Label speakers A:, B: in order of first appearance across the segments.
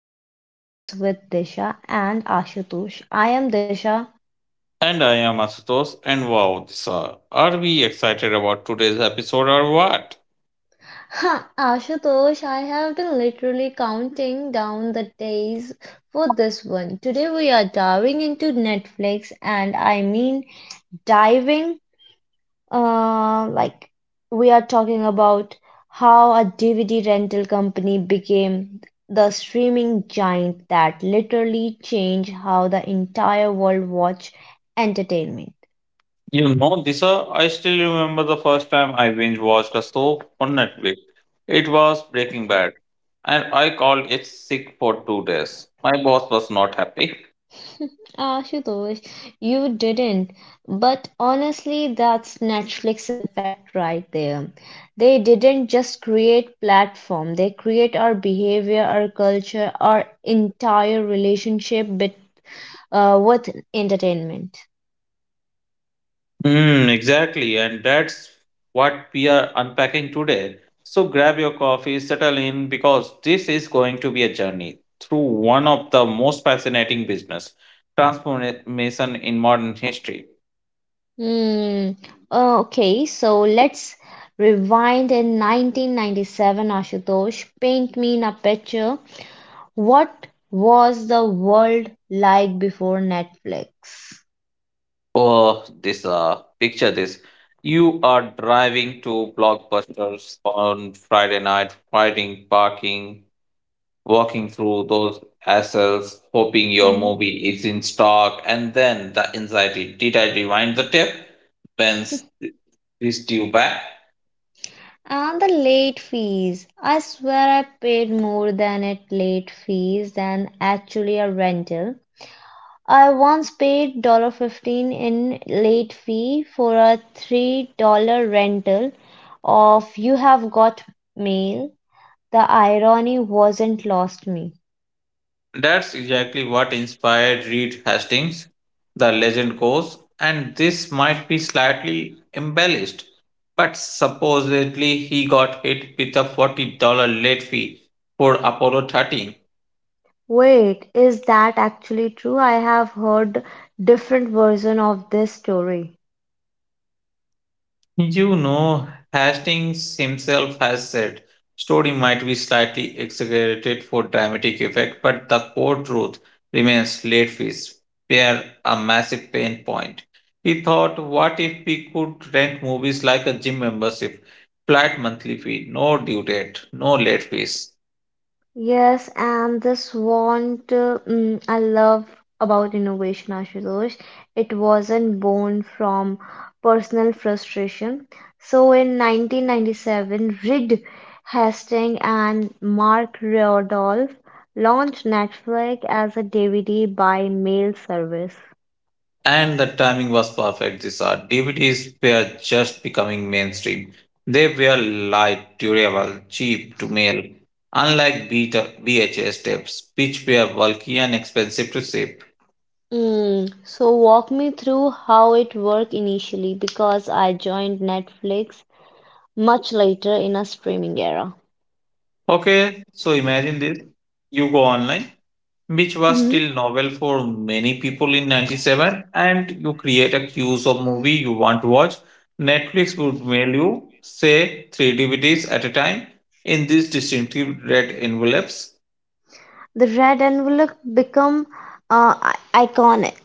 A: to Tech Tales with Disha and Ashutosh. I am Disha.
B: And I am Asutosh, and wow, Disha, are we excited about today's episode or what?
A: Ha, Ashutosh, I have been literally counting down the days for this one. Today we are diving into Netflix, and I mean diving, like we are talking about how a DVD rental company became the streaming giant that literally changed how the entire world watch entertainment.
B: Disha, I still remember the first time I binge watched a soap on Netflix. It was Breaking Bad, and I called it sick for 2 days. My boss was not happy.
A: Ashutosh, you didn't. But honestly, that's Netflix effect right there. They didn't just create platform, they create our behavior, our culture, our entire relationship with entertainment.
B: Mm, exactly, and that's what we are unpacking today. So grab your coffee, settle in, because this is going to be a journey through one of the most fascinating business transformation in modern history.
A: Hmm. Okay, so let's rewind in 1997, Ashutosh. Paint me in a picture. What was the world like before Netflix?
B: Oh, this picture this. You are driving to Blockbusters on Friday night, fighting, parking, walking through those aisles, hoping your
A: Hmm.
B: movie is in stock, and then the anxiety. Did I rewind the tape? Ben's is due back.
A: And the late fees. I swear I paid more than it late fees than actually a rental. I once paid dollar 15 in late fee for a $3 rental of You Have Got Mail. The irony wasn't lost me.
B: That's exactly what inspired Reed Hastings, the legend goes, and this might be slightly embellished, but supposedly he got hit with a $40 late fee for Apollo 13.
A: Wait, is that actually true? I have heard different version of this story.
B: You know, Hastings himself has said story might be slightly exaggerated for dramatic effect, but the core truth remains late fees were a massive pain point. He thought, what if we could rent movies like a gym membership, flat monthly fee, no due date, no late fees.
A: Yes, and this want I love about innovation, Ashutosh. It wasn't born from personal frustration. So in 1997, Reed Hastings and Mark Rodolph launched Netflix as a DVD by mail service.
B: And the timing was perfect this hour. DVDs were just becoming mainstream. They were light, durable, cheap to mail. Unlike beta, VHS tapes, which were bulky and expensive to ship.
A: Mm, so walk me through how it worked initially because I joined Netflix much later in a streaming era.
B: Okay, so imagine this. You go online, which was still novel for many people in 97, and you create a queues of movie you want to watch. Netflix would mail you, say, three DVDs at a time in these distinctive red envelopes.
A: The red envelope become uh, i- iconic.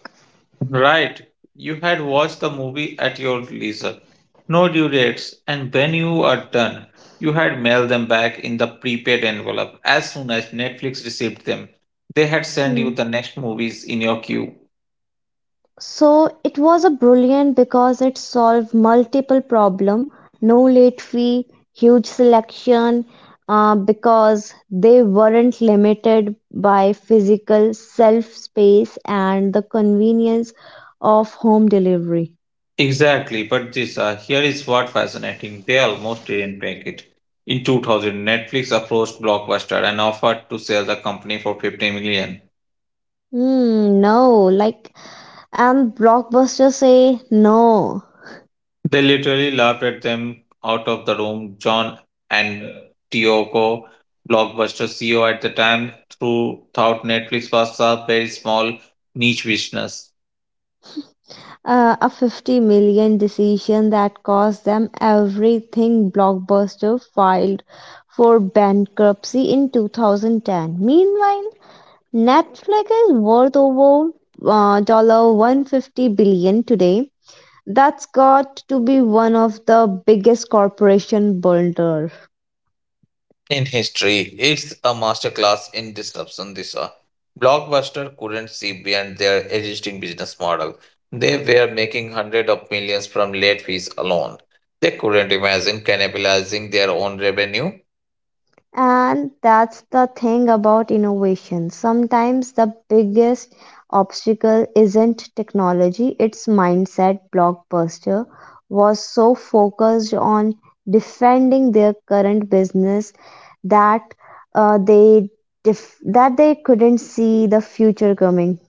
B: Right. You had watched the movie at your leisure. No due dates, and when you are done, you had mailed them back in the prepaid envelope. As soon as Netflix received them, they had sent
A: Hmm.
B: you the next movies in your queue.
A: So it was a brilliant because it solved multiple problem. No late fee, huge selection, because they weren't limited by physical self space and the convenience of home delivery.
B: Exactly, but this here is what fascinating. They almost didn't make it. In 2000, Netflix approached Blockbuster and offered to sell the company for 50 million.
A: Hmm, no, like and Blockbuster say no.
B: They literally laughed at them out of the room. John and Tioco, Blockbuster CEO at the time, thought Netflix was a very small niche business.
A: A 50 million decision that cost them everything, Blockbuster filed for bankruptcy in 2010. Meanwhile, Netflix is worth over $150 billion today. That's got to be one of the biggest corporation blunder.
B: In history, it's a masterclass in disruption. This blockbuster couldn't see beyond their existing business model. They were making hundreds of millions from late fees alone. They couldn't imagine cannibalizing their own revenue.
A: And that's the thing about innovation. Sometimes the biggest obstacle isn't technology, it's mindset. Blockbuster was so focused on defending their current business that uh, they that they couldn't see the future coming.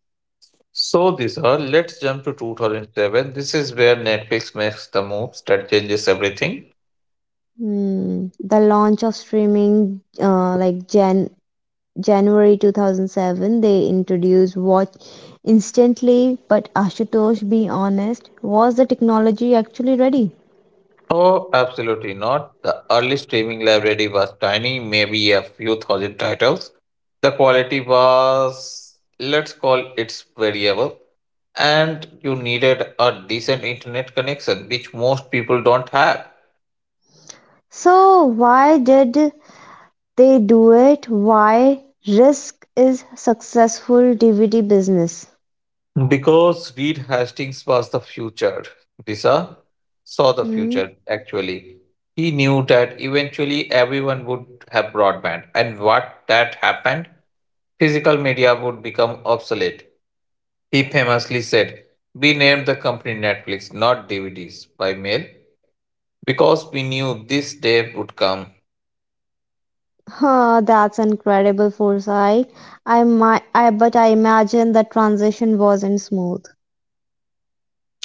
B: So, Disha, let's jump to 2007. This is where Netflix makes the moves that changes everything.
A: Hmm. The launch of streaming, like Gen January 2007, they introduced watch instantly. But Ashutosh, be honest, was the technology actually ready?
B: Oh, absolutely not. The early streaming library was tiny, maybe a few thousand titles. The quality was, let's call it variable, and you needed a decent internet connection, which most people don't have.
A: So why did they do it? Why risk is successful DVD business?
B: Because Reed Hastings was the future. Lisa saw the
A: Hmm?
B: future, actually. He knew that eventually everyone would have broadband, and what that happened, physical media would become obsolete. He famously said, "We named the company Netflix, not DVDs, by mail, because we knew this day would come."
A: Huh, that's incredible foresight. I might I but I imagine the transition wasn't smooth.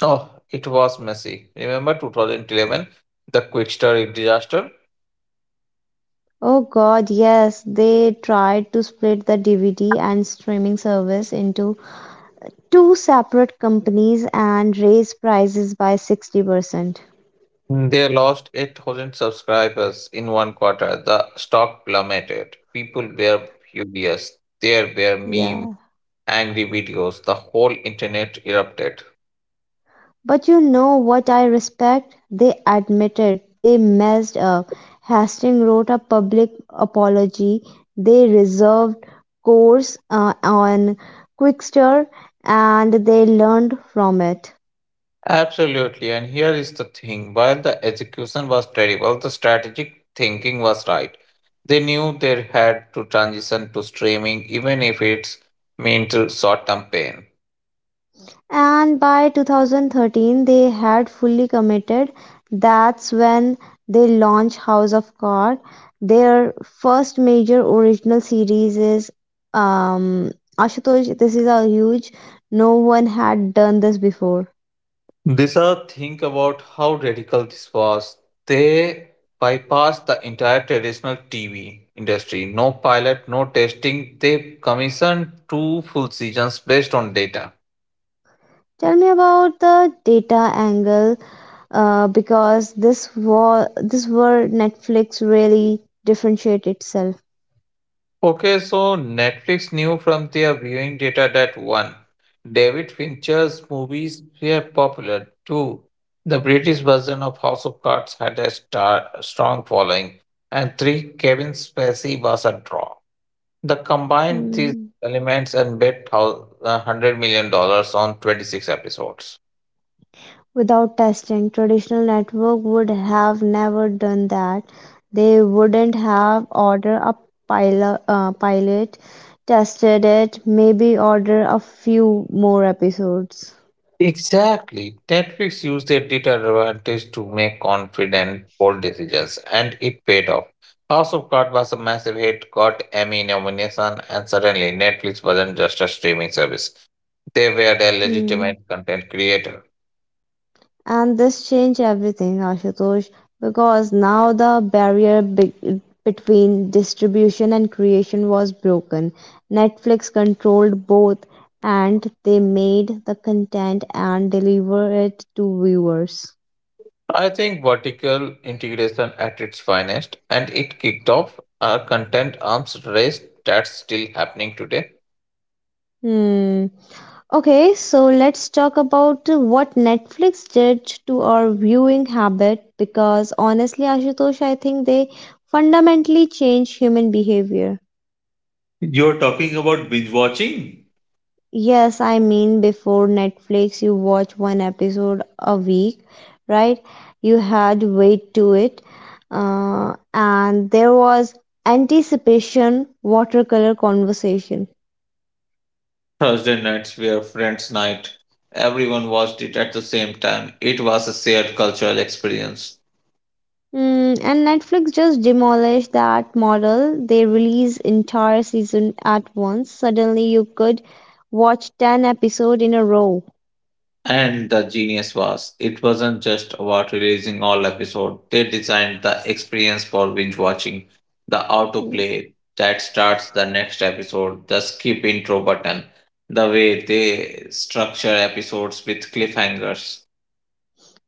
B: Oh, it was messy. Remember 2011, the Quickstar disaster?
A: Oh God, yes, they tried to split the DVD and streaming service into two separate companies and raise prices by 60%.
B: Mm. They lost 8,000 subscribers in one quarter. The stock plummeted. People were furious. There were memes,
A: Yeah.
B: angry videos. The whole internet erupted.
A: But you know what I respect? They admitted they messed up. Hastings wrote a public apology. They reserved course on Quickster, and they learned from it.
B: Absolutely, and here is the thing while the execution was terrible, the strategic thinking was right. They knew they had to transition to streaming, even if it meant short term pain.
A: And by 2013, they had fully committed. That's when they launched House of Cards, their first major original series is um Ashutosh, this is a huge, no one had done this before.
B: These are Think about how radical this was. They bypassed the entire traditional TV industry. No pilot, no testing. They commissioned two full seasons based on data.
A: Tell me about the data angle, because this were Netflix really differentiate itself.
B: Okay, so Netflix knew from their viewing data that one, David Fincher's movies were popular. Two, the British version of House of Cards had a strong following. And three, Kevin Spacey was a draw. The combined these
A: Hmm.
B: elements and bet $100 million dollars on 26 episodes.
A: Without testing, traditional network would have never done that. They wouldn't have ordered a pilot tested it, maybe order a few more episodes.
B: Exactly. Netflix used their data advantage to make confident, bold decisions, and it paid off. House of Cards was a massive hit, got Emmy nomination, and suddenly Netflix wasn't just a streaming service. They were a
A: Hmm.
B: legitimate content creator.
A: And this changed everything, Ashutosh, because now the barrier between distribution and creation was broken. Netflix controlled both, and they made the content and deliver it to viewers.
B: I think vertical integration at its finest, and it kicked off a content arms race that's still happening today.
A: Hmm. Okay, so let's talk about what Netflix did to our viewing habit because honestly, Ashutosh, I think they fundamentally change human behavior.
B: You're talking about binge watching?
A: Yes, I mean, before Netflix, you watch one episode a week, right? You had weight to it, and there was anticipation, watercolor conversation.
B: Thursday nights were friends' night. Everyone watched it at the same time. It was a shared cultural experience.
A: Mm, and Netflix just demolished that model. They release entire season at once. Suddenly you could watch 10 episodes in a row.
B: And the genius was, it wasn't just about releasing all episodes. They designed the experience for binge watching, the autoplay that starts the next episode, the skip intro button, the way they structure episodes with cliffhangers.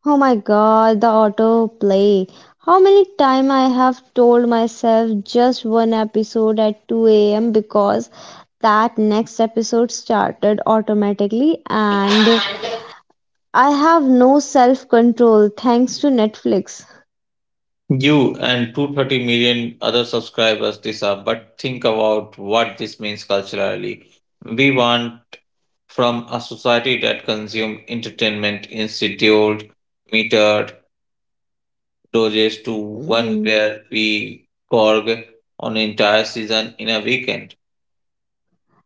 A: Oh my God, the autoplay. How many times I have told myself just one episode at 2 a.m. because that next episode started automatically and I have no self-control thanks to Netflix.
B: You and 230 million other subscribers this up, but think about what this means culturally. We want from a society that consumes entertainment in scheduled, metered doses to one
A: Hmm.
B: where we gorge on entire season in a weekend.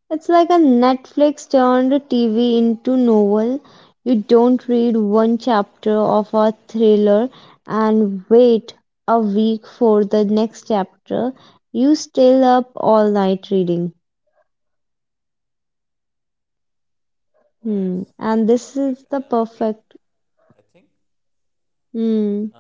A: It's like a Netflix turned TV into novel. You don't read one chapter of a thriller and wait a week for the next chapter. You stay up all night reading. Hmm. And this is the perfect. Hmm.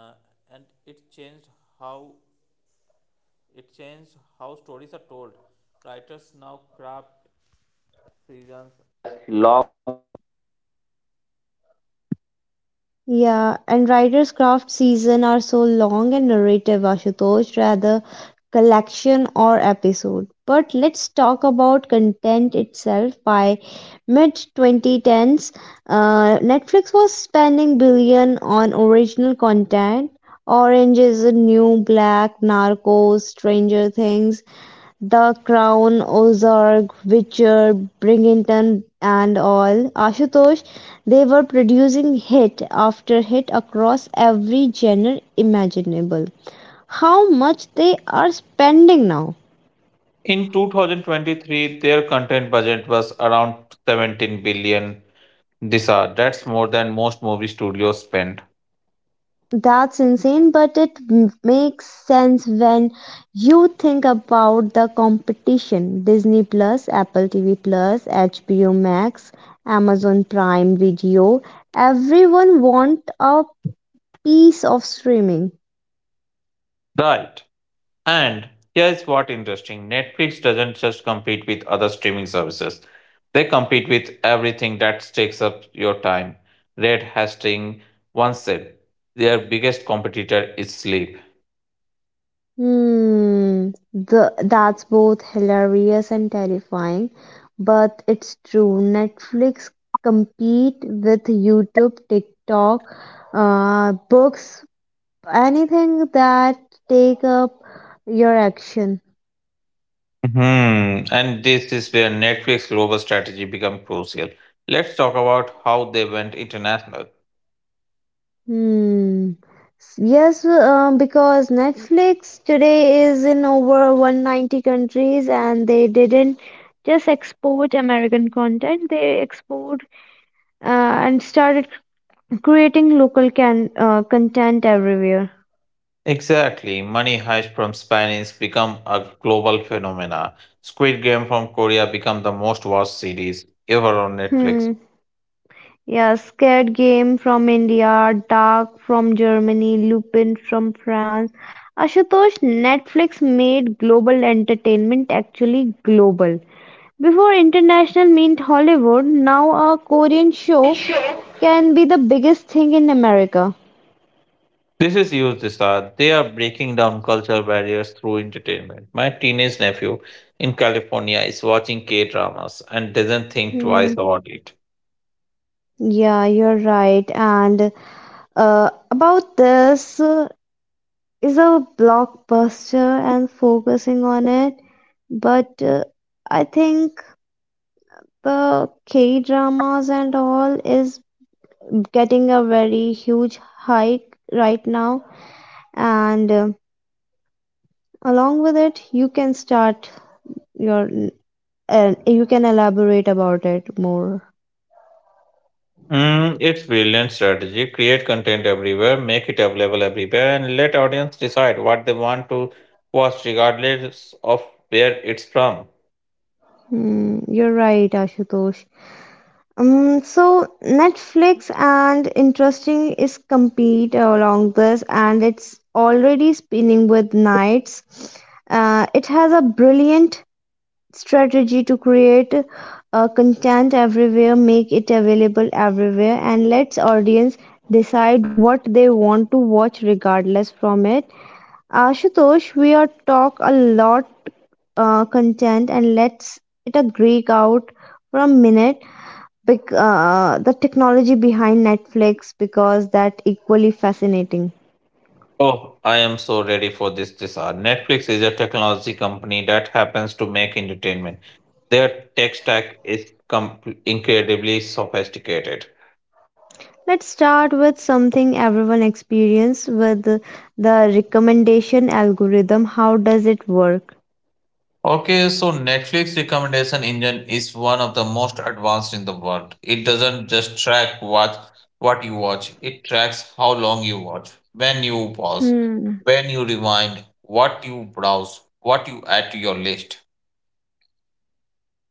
A: Yeah, and writer's craft season are so long and narrative, Ashutosh, rather collection or episode. But let's talk about content itself. By mid 2010s, Netflix was spending billion on original content. Orange is the New Black, Narcos, Stranger Things, the Crown, Ozark, Witcher, Bridgerton and all, Ashutosh, they were producing hit after hit across every genre imaginable. How much they are spending now?
B: In 2023, their content budget was around 17 billion disar. That's more than most movie studios spend.
A: That's insane, but makes sense when you think about the competition. Disney Plus, Apple TV Plus, HBO Max, Amazon Prime Video. Everyone want a piece of streaming.
B: Right. And here's what interesting. Netflix doesn't just compete with other streaming services. They compete with everything that takes up your time. Red Hastings once said, their biggest competitor is sleep.
A: Hmm, that's both hilarious and terrifying, but it's true. Netflix compete with YouTube, TikTok, books, anything that take up your action.
B: Hmm. And this is where Netflix global strategy become crucial. Let's talk about how they went international.
A: Hmm. Yes, because Netflix today is in over 190 countries and they didn't just export American content, they export and started creating local can content everywhere.
B: Exactly. Money Heist from Spanish become a global phenomena. Squid Game from Korea become the most watched series ever on Netflix.
A: Hmm. Yeah, Scared Game from India, Dark from Germany, Lupin from France. Ashutosh, Netflix made global entertainment actually global. Before international meant Hollywood, now a Korean show
B: This
A: can be the biggest thing in America.
B: is huge, Dishad. They are breaking down cultural barriers through entertainment. My teenage nephew in California is watching K dramas and doesn't think twice
A: Hmm.
B: about it.
A: Yeah, you're right. And about this. Is a blockbuster and focusing on it, but I think the k dramas and all is getting a very huge hike right now, and along with it you can start your, you can elaborate about it more.
B: Mm, it's brilliant strategy. Create content everywhere, make it available everywhere, and let audience decide what they want to watch regardless of where it's from.
A: Hmm, you're right, Ashutosh. So Netflix and interesting is compete along this, and it's already spinning with nights. It has a brilliant strategy to create content everywhere, make it available everywhere, and lets audience decide what they want to watch regardless from it. Ashutosh, we are talk a lot content, and let's it a Greek out for a minute. The technology behind Netflix because that equally fascinating.
B: Oh, I am so ready for this hour. Netflix is a technology company that happens to make entertainment. Their tech stack is incredibly sophisticated.
A: Let's start with something everyone experience with the recommendation algorithm. How does it work?
B: Okay, so Netflix recommendation engine is one of the most advanced in the world. It doesn't just track what you watch, it tracks how long you watch, when you pause,
A: Hmm,
B: when you rewind, what you browse, what you add to your list.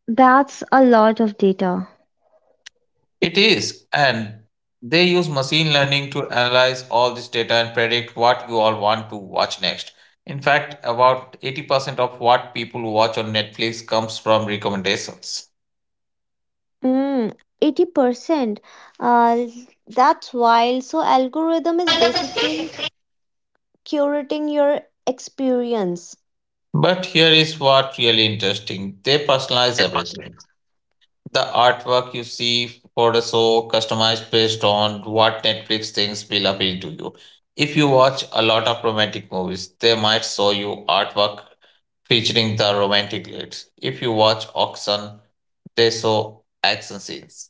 A: that's a lot of data.
B: It is, and they use machine learning to analyze all this data and predict what you all want to watch next. In fact, about 80% of what people watch on Netflix comes from recommendations.
A: Mm, 80%. Uh, that's wild. So algorithm is basically curating your experience.
B: But here is what really interesting. They personalize everything. The artwork you see for the show customized based on what Netflix thinks will appeal to you. If you watch a lot of romantic movies, they might show you artwork featuring the romantic leads. If you watch Auction, they show action scenes.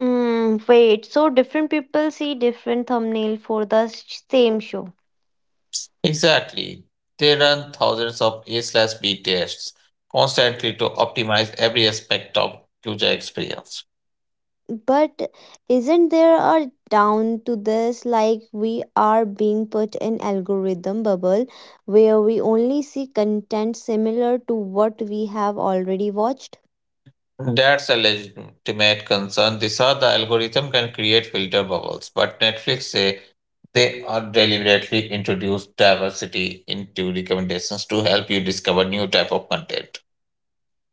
A: Mm, wait, so different people see different thumbnail for same show.
B: Exactly. They run thousands of A slash B tests constantly to optimize every aspect of user experience.
A: But isn't there a down to this like we are being put in algorithm bubble where we only see content similar to what we have already watched?
B: That's a legitimate concern. These are the algorithm can create filter bubbles, but Netflix say they are deliberately introduce diversity into recommendations to help you discover new type of content.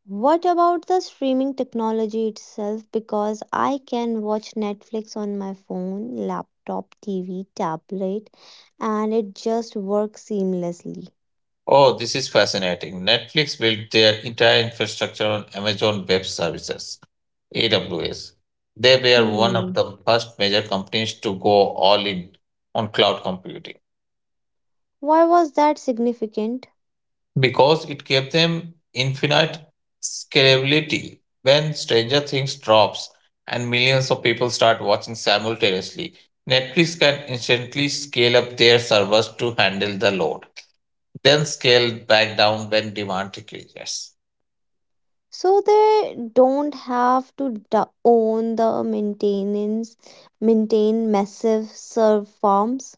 A: What about the streaming technology itself? Because I can watch Netflix on my phone, laptop, TV, tablet, and it just works seamlessly.
B: Oh, this is fascinating. Netflix built their entire infrastructure on Amazon Web Services, AWS. They were one of
A: Hmm.
B: the first major companies to go all in on cloud computing
A: Why was that significant?
B: because it gave them infinite scalability. When Stranger Things drops and millions of people start watching simultaneously, Netflix can instantly scale up their servers to handle the load, then scale back down when demand decreases.
A: So they don't have to d- own the maintenance maintain massive server farms.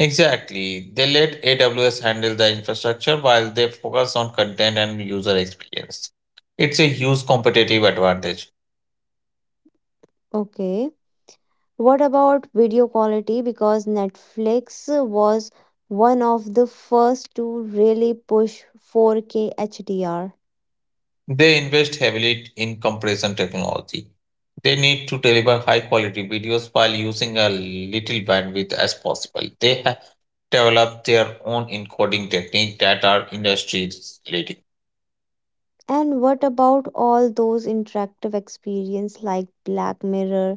B: Exactly. They let AWS handle the infrastructure while they focus on content and user experience. It's a huge competitive advantage.
A: Okay, what about video quality, because Netflix was one of the first to really push 4K HDR?
B: They invest heavily in compression technology. They need to deliver high quality videos while using a little bandwidth as possible. They have developed their own encoding technique that are industry.
A: And what about all those interactive experience like Black Mirror,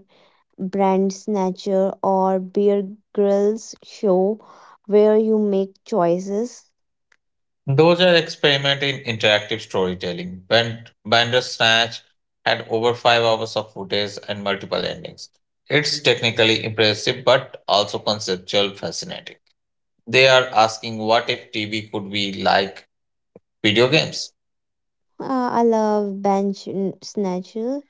A: Brand Snatcher, or Bear Grylls show, where you make choices?
B: Those are experiment in interactive storytelling. Bandersnatch had over 5 hours of footage and multiple endings. It's technically impressive, but also conceptual fascinating. They are asking what if TV could be like video games.
A: I love snatcher,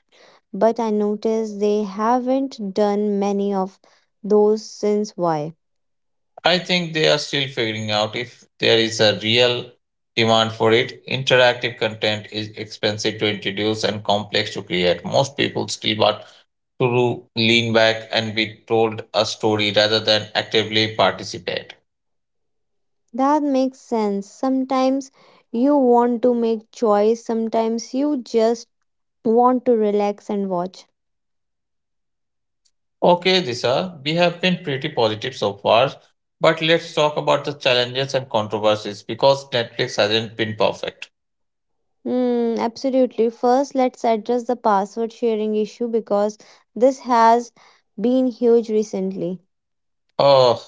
A: but I noticed they haven't done many of those since, why?
B: I think they are still figuring out if there is a real demand for it. Interactive content is expensive to introduce and complex to create. Most people still want to lean back and be told a story rather than actively participate.
A: That makes sense. Sometimes you want to make choice, sometimes you just want to relax and watch.
B: Okay, Disha, we have been pretty positive so far, but let's talk about the challenges and controversies because Netflix hasn't been perfect.
A: Hmm, absolutely. First, let's address the password sharing issue because this has been huge recently.
B: Oh,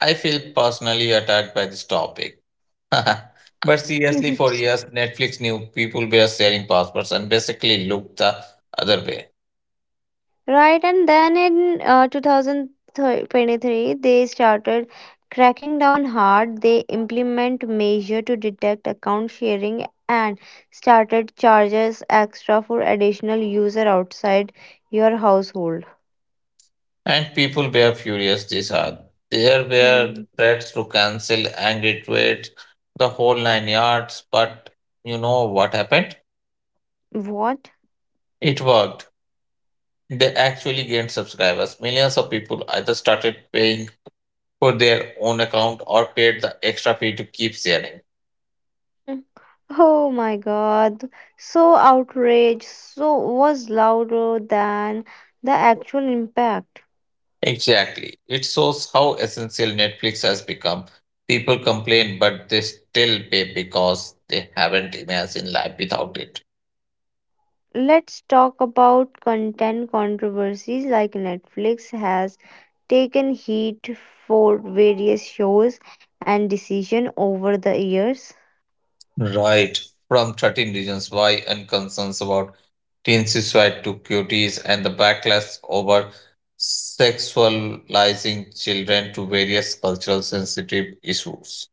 B: I feel personally attacked by this topic. But seriously, for years, Netflix knew people were sharing passwords and basically looked the other way.
A: Right, and then in 2023, they started cracking down hard. They implement measure to detect account sharing and started charges extra for additional user outside your household.
B: And people were furious this hard. There were
A: Hmm.
B: threats to cancel, angry tweets, the whole nine yards. But you know what happened?
A: What?
B: It worked. They actually gained subscribers. Millions of people either started paying for their own account or paid the extra fee to keep sharing.
A: Mm. Oh my God. So outrage so was louder than the actual impact.
B: Exactly. It shows how essential Netflix has become. People complain, but they still pay because they haven't imagined life without it.
A: Let's talk about content controversies like Netflix has taken heat for various shows and decision over the years.
B: Right, from 13 reasons why and concerns about teen suicide to cuties and the backlash over sexualizing children to various cultural sensitive issues.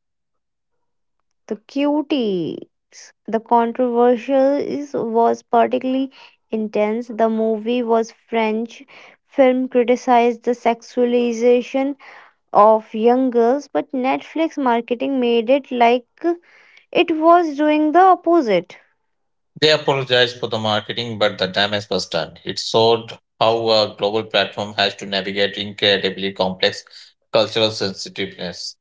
A: The cutie the controversial is- was particularly intense. The movie was French film criticized the sexualization of young girls, but Netflix marketing made it like it was doing the opposite.
B: They apologized for the marketing, but the damage was done. It showed how a global platform has to navigate incredibly complex cultural sensitiveness.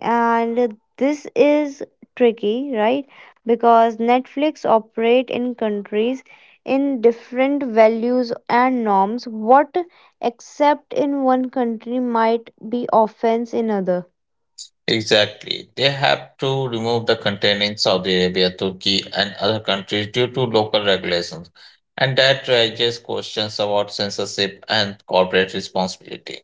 A: And this is tricky, right? Because Netflix operate in countries in different values and norms. What accept in one country might be offense in other.
B: Exactly. They have to remove the content in Saudi Arabia, Turkey, and other countries due to local regulations. And that raises questions about censorship and corporate responsibility.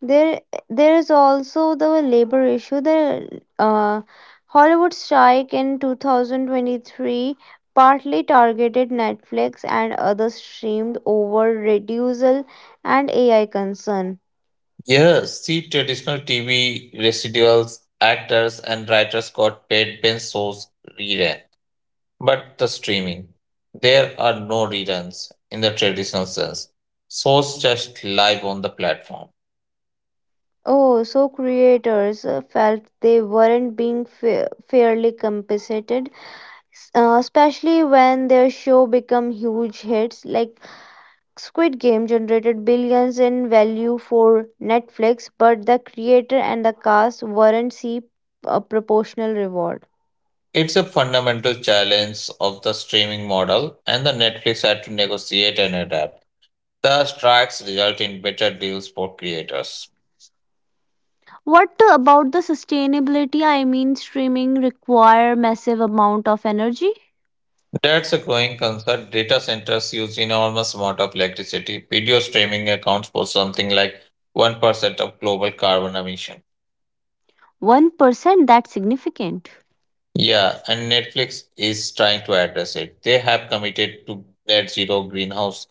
A: There there is also the labor issue, the uh, Hollywood strike in 2023 partly targeted Netflix and other streamed over reducel and AI concern.
B: Yes, see, traditional TV residuals, actors, and writers got paid when shows rerun. But the streaming, there are no reruns in the traditional sense. Shows just live on the platform.
A: Oh, so creators felt they weren't being fairly compensated, especially when their show become huge hits. Like Squid Game generated billions in value for Netflix, but the creator and the cast weren't see a proportional reward.
B: It's a fundamental challenge of the streaming model, and the Netflix had to negotiate and adapt. The strikes result in better deals for creators.
A: What about the sustainability? I mean, streaming require massive amount of energy.
B: That's a growing concern. Data centers use enormous amount of electricity. Video streaming accounts for something like 1% of global carbon emission.
A: 1%, that's significant.
B: Yeah, and Netflix is trying to address it. They have committed to net zero greenhouse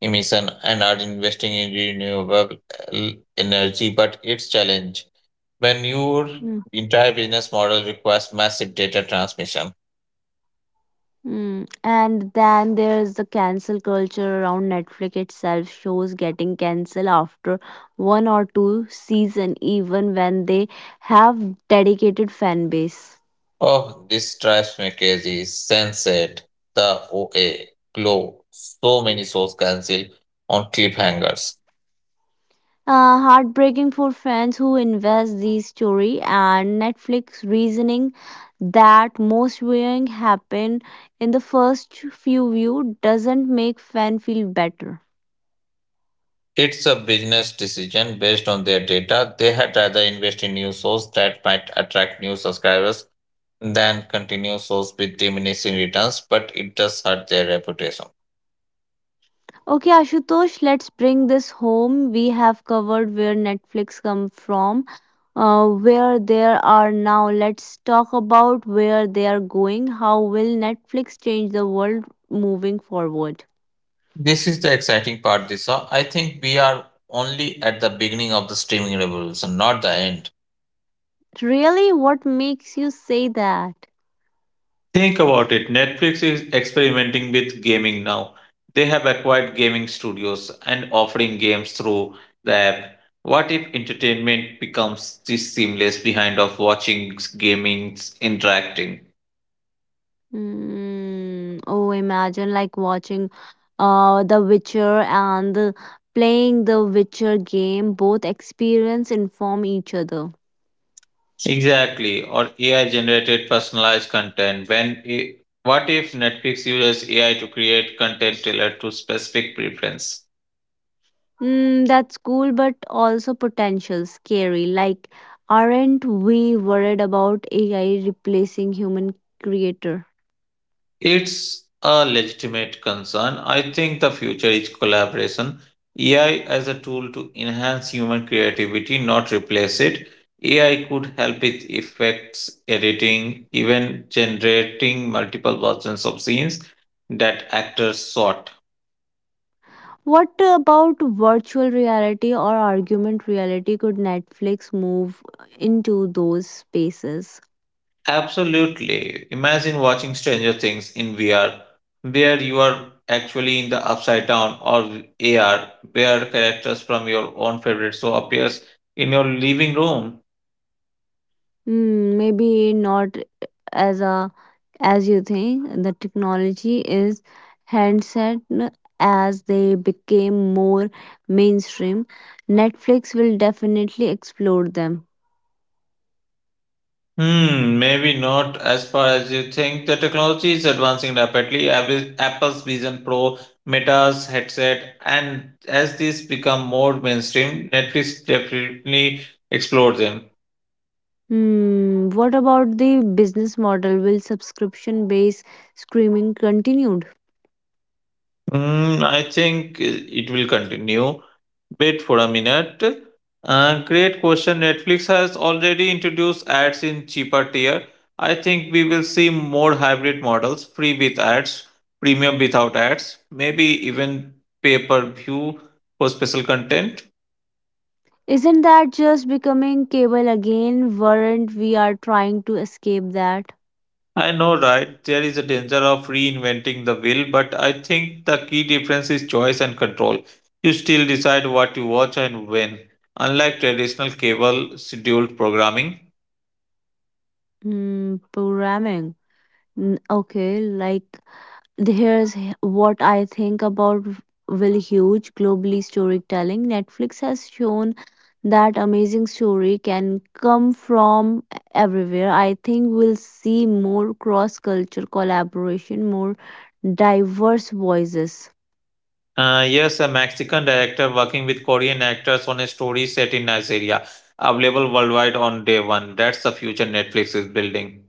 B: emission and are investing in renewable uh, energy, but it's challenge when your entire business model requires massive data transmission.
A: Hmm. And then there's the cancel culture around Netflix itself, shows getting cancelled after one or two season, even when they have dedicated fan base.
B: Oh, this drives me crazy. Sunset, the OA, Glow, so many source cancel on cliffhangers.
A: Heartbreaking for fans who invest these story, and Netflix reasoning that most viewing happen in the first few view doesn't make fan feel better.
B: It's a business decision based on their data. They had rather invest in new source that might attract new subscribers than continue source with diminishing returns, but it does hurt their reputation.
A: Okay, Ashutosh, let's bring this home. We have covered where Netflix come from, where they are now. Let's talk about where they are going. How will Netflix change the world moving forward?
B: This is the exciting part, Disha. I think we are only at the beginning of the streaming revolution, not the end.
A: Really, what makes you say that?
B: Think about it. Netflix is experimenting with gaming now. They have acquired gaming studios and offering games through the app. What if entertainment becomes this seamless behind of watching gaming interacting?
A: Mm, oh, imagine like watching The Witcher and the, playing the Witcher game. Both experience inform each other.
B: Exactly. Or AI generated personalized content. What if Netflix uses AI to create content tailored to specific preference?
A: Mm, that's cool, but also potential scary. Like, aren't we worried about AI replacing human creator?
B: It's a legitimate concern. I think the future is collaboration. AI as a tool to enhance human creativity, not replace it. AI could help with effects, editing, even generating multiple versions of scenes that actors sought.
A: What about virtual reality or augmented reality? Could Netflix move into those spaces?
B: Absolutely. Imagine watching Stranger Things in VR, where you are actually in the upside down, or AR, where characters from your own favorite show appears in your living room.
A: Hmm, maybe not as a as you think. The technology is handset as they became more mainstream. Netflix will definitely explore them.
B: Hmm, maybe not as far as you think. The technology is advancing rapidly. Apple's Vision Pro, Meta's headset, and as these become more mainstream, Netflix definitely explored them.
A: Hmm, what about the business model? Will subscription based streaming continued?
B: Hmm, I think it will continue. Wait for a minute. Great question. Netflix has already introduced ads in cheaper tier. I think we will see more hybrid models, free with ads, premium without ads, maybe even pay per view for special content.
A: Isn't that just becoming cable again? Weren't we are trying to escape that?
B: I know, right? There is a danger of reinventing the wheel, but I think the key difference is choice and control. You still decide what you watch and when, unlike traditional cable scheduled programming.
A: Hmm, programming. Mm, okay, like, here's what I think about. Will huge globally storytelling. Netflix has shown that amazing story can come from everywhere. I think we'll see more cross culture collaboration, more diverse voices.
B: Yes, a Mexican director working with Korean actors on a story set in Nigeria, available worldwide on day one. That's the future Netflix is building.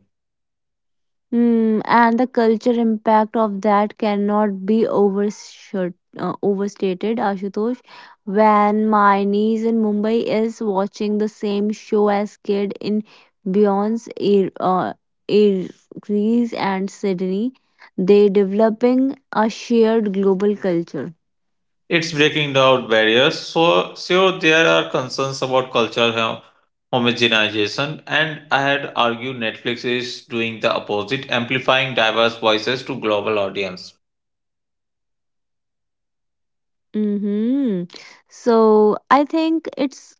A: Hmm, and the culture impact of that cannot be overstated, Ashutosh. When my niece in Mumbai is watching the same show as kid in Beyond's Air Greece and Sydney, they developing a shared global culture.
B: It's breaking down barriers, so sure there are concerns about cultural homogenization, and I had argued Netflix is doing the opposite, amplifying diverse voices to global audience.
A: Mm-hmm. So I think it's,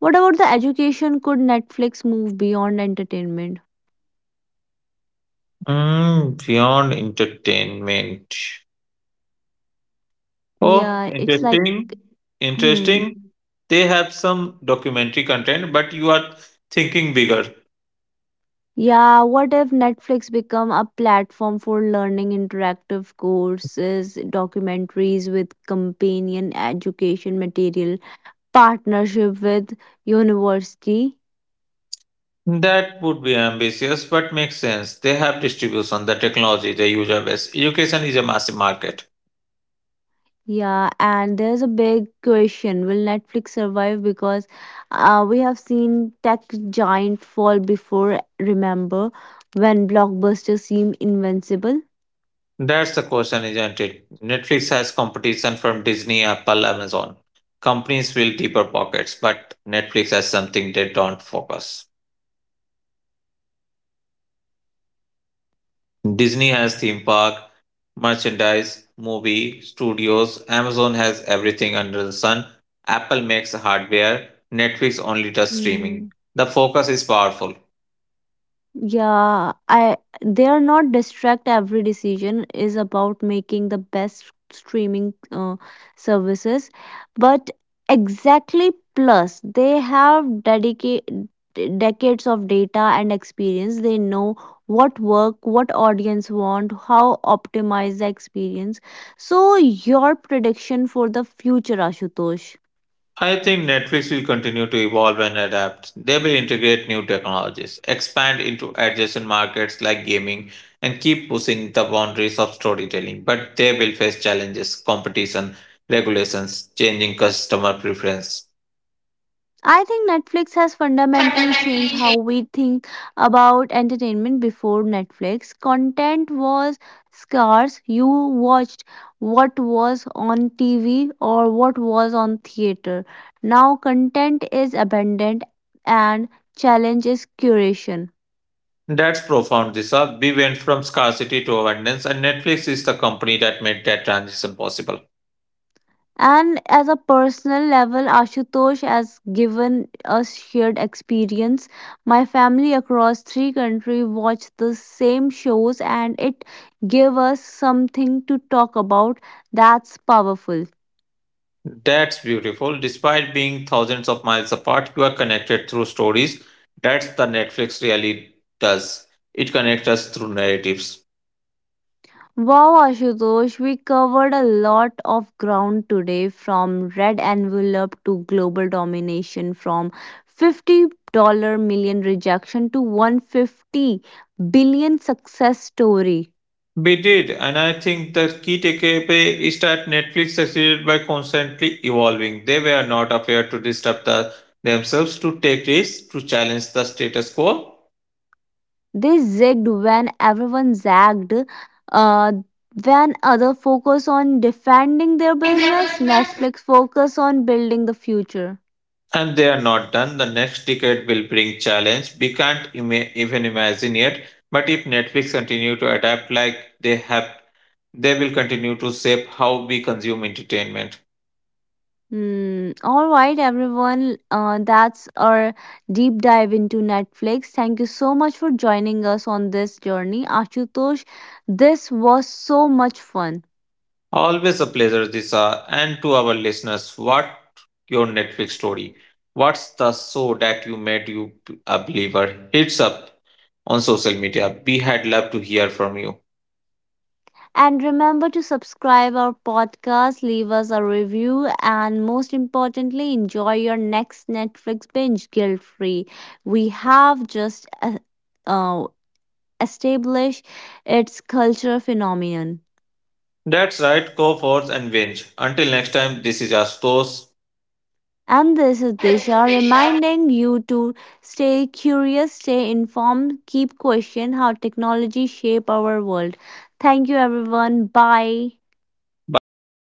A: what about the education? Could Netflix move beyond entertainment?
B: Mm, beyond entertainment. Oh,
A: Yeah, it's like,
B: interesting.
A: hmm.
B: Interesting. They have some documentary content, but you are thinking bigger.
A: Yeah, what if Netflix become a platform for learning interactive courses, documentaries with companion education material, partnership with university?
B: That would be ambitious, but makes sense. They have distribution, the technology, the user base. Education is a massive market.
A: Yeah, and there's a big question. Will Netflix survive? Because we have seen tech giant fall before, remember, when blockbusters seem invincible?
B: That's the question, isn't it? Netflix has competition from Disney, Apple, Amazon. Companies will deeper pockets, but Netflix has something they don't focus. Disney has theme park, merchandise, movie studios, Amazon has everything under the sun, Apple makes hardware, Netflix only does streaming. The focus is powerful.
A: Yeah, I they are not distract. Every decision is about making the best streaming services, but exactly plus they have dedicate decades of data and experience. They know what work, what audience want, how optimize the experience. So your prediction for the future, Ashutosh?
B: I think Netflix will continue to evolve and adapt. They will integrate new technologies, expand into adjacent markets like gaming, and keep pushing the boundaries of storytelling. But they will face challenges, competition, regulations, changing customer preference.
A: I think Netflix has fundamentally changed how we think about entertainment before Netflix. Content was scarce. You watched what was on TV or what was on theater. Now content is abundant and challenge is curation.
B: That's profound, Disha. We went from scarcity to abundance, and Netflix is the company that made that transition possible.
A: And as a personal level, Ashutosh has given us shared experience. My family across three countries watched the same shows, and it gave us something to talk about. That's powerful.
B: That's beautiful. Despite being thousands of miles apart, you are connected through stories. That's the Netflix really does. It connects us through narratives.
A: Wow, Ashutosh, we covered a lot of ground today from red envelope to global domination, from 50 million million rejection to 150 billion success story.
B: We did, and I think the key takeaway is that Netflix succeeded by constantly evolving. They were not afraid to disrupt themselves, to take risks, to challenge the status quo.
A: They zigged when everyone zagged, uh, when other focus on defending their business, Netflix focus on building the future.
B: And they are not done. The next decade will bring challenge we can't even imagine yet. But if Netflix continue to adapt like they have, they will continue to shape how we consume entertainment.
A: Hmm. All right, everyone. That's our deep dive into Netflix. Thank you so much for joining us on this journey, Ashutosh. This was so much fun.
B: Always a pleasure, Disha. And to our listeners, what your Netflix story? What's the show that you made you a believer? Hits up on social media. We had loved to hear from you.
A: And remember to subscribe our podcast, leave us a review, and most importantly, enjoy your next Netflix binge guilt-free. We have just uh, established its cultural phenomenon.
B: That's right. Go forth and binge. Until next time, this is
A: And this is Disha
B: Astos.
A: reminding you to stay curious, stay informed, keep questioning how technology shape our world. Thank you everyone. Bye.
B: Bye, everyone.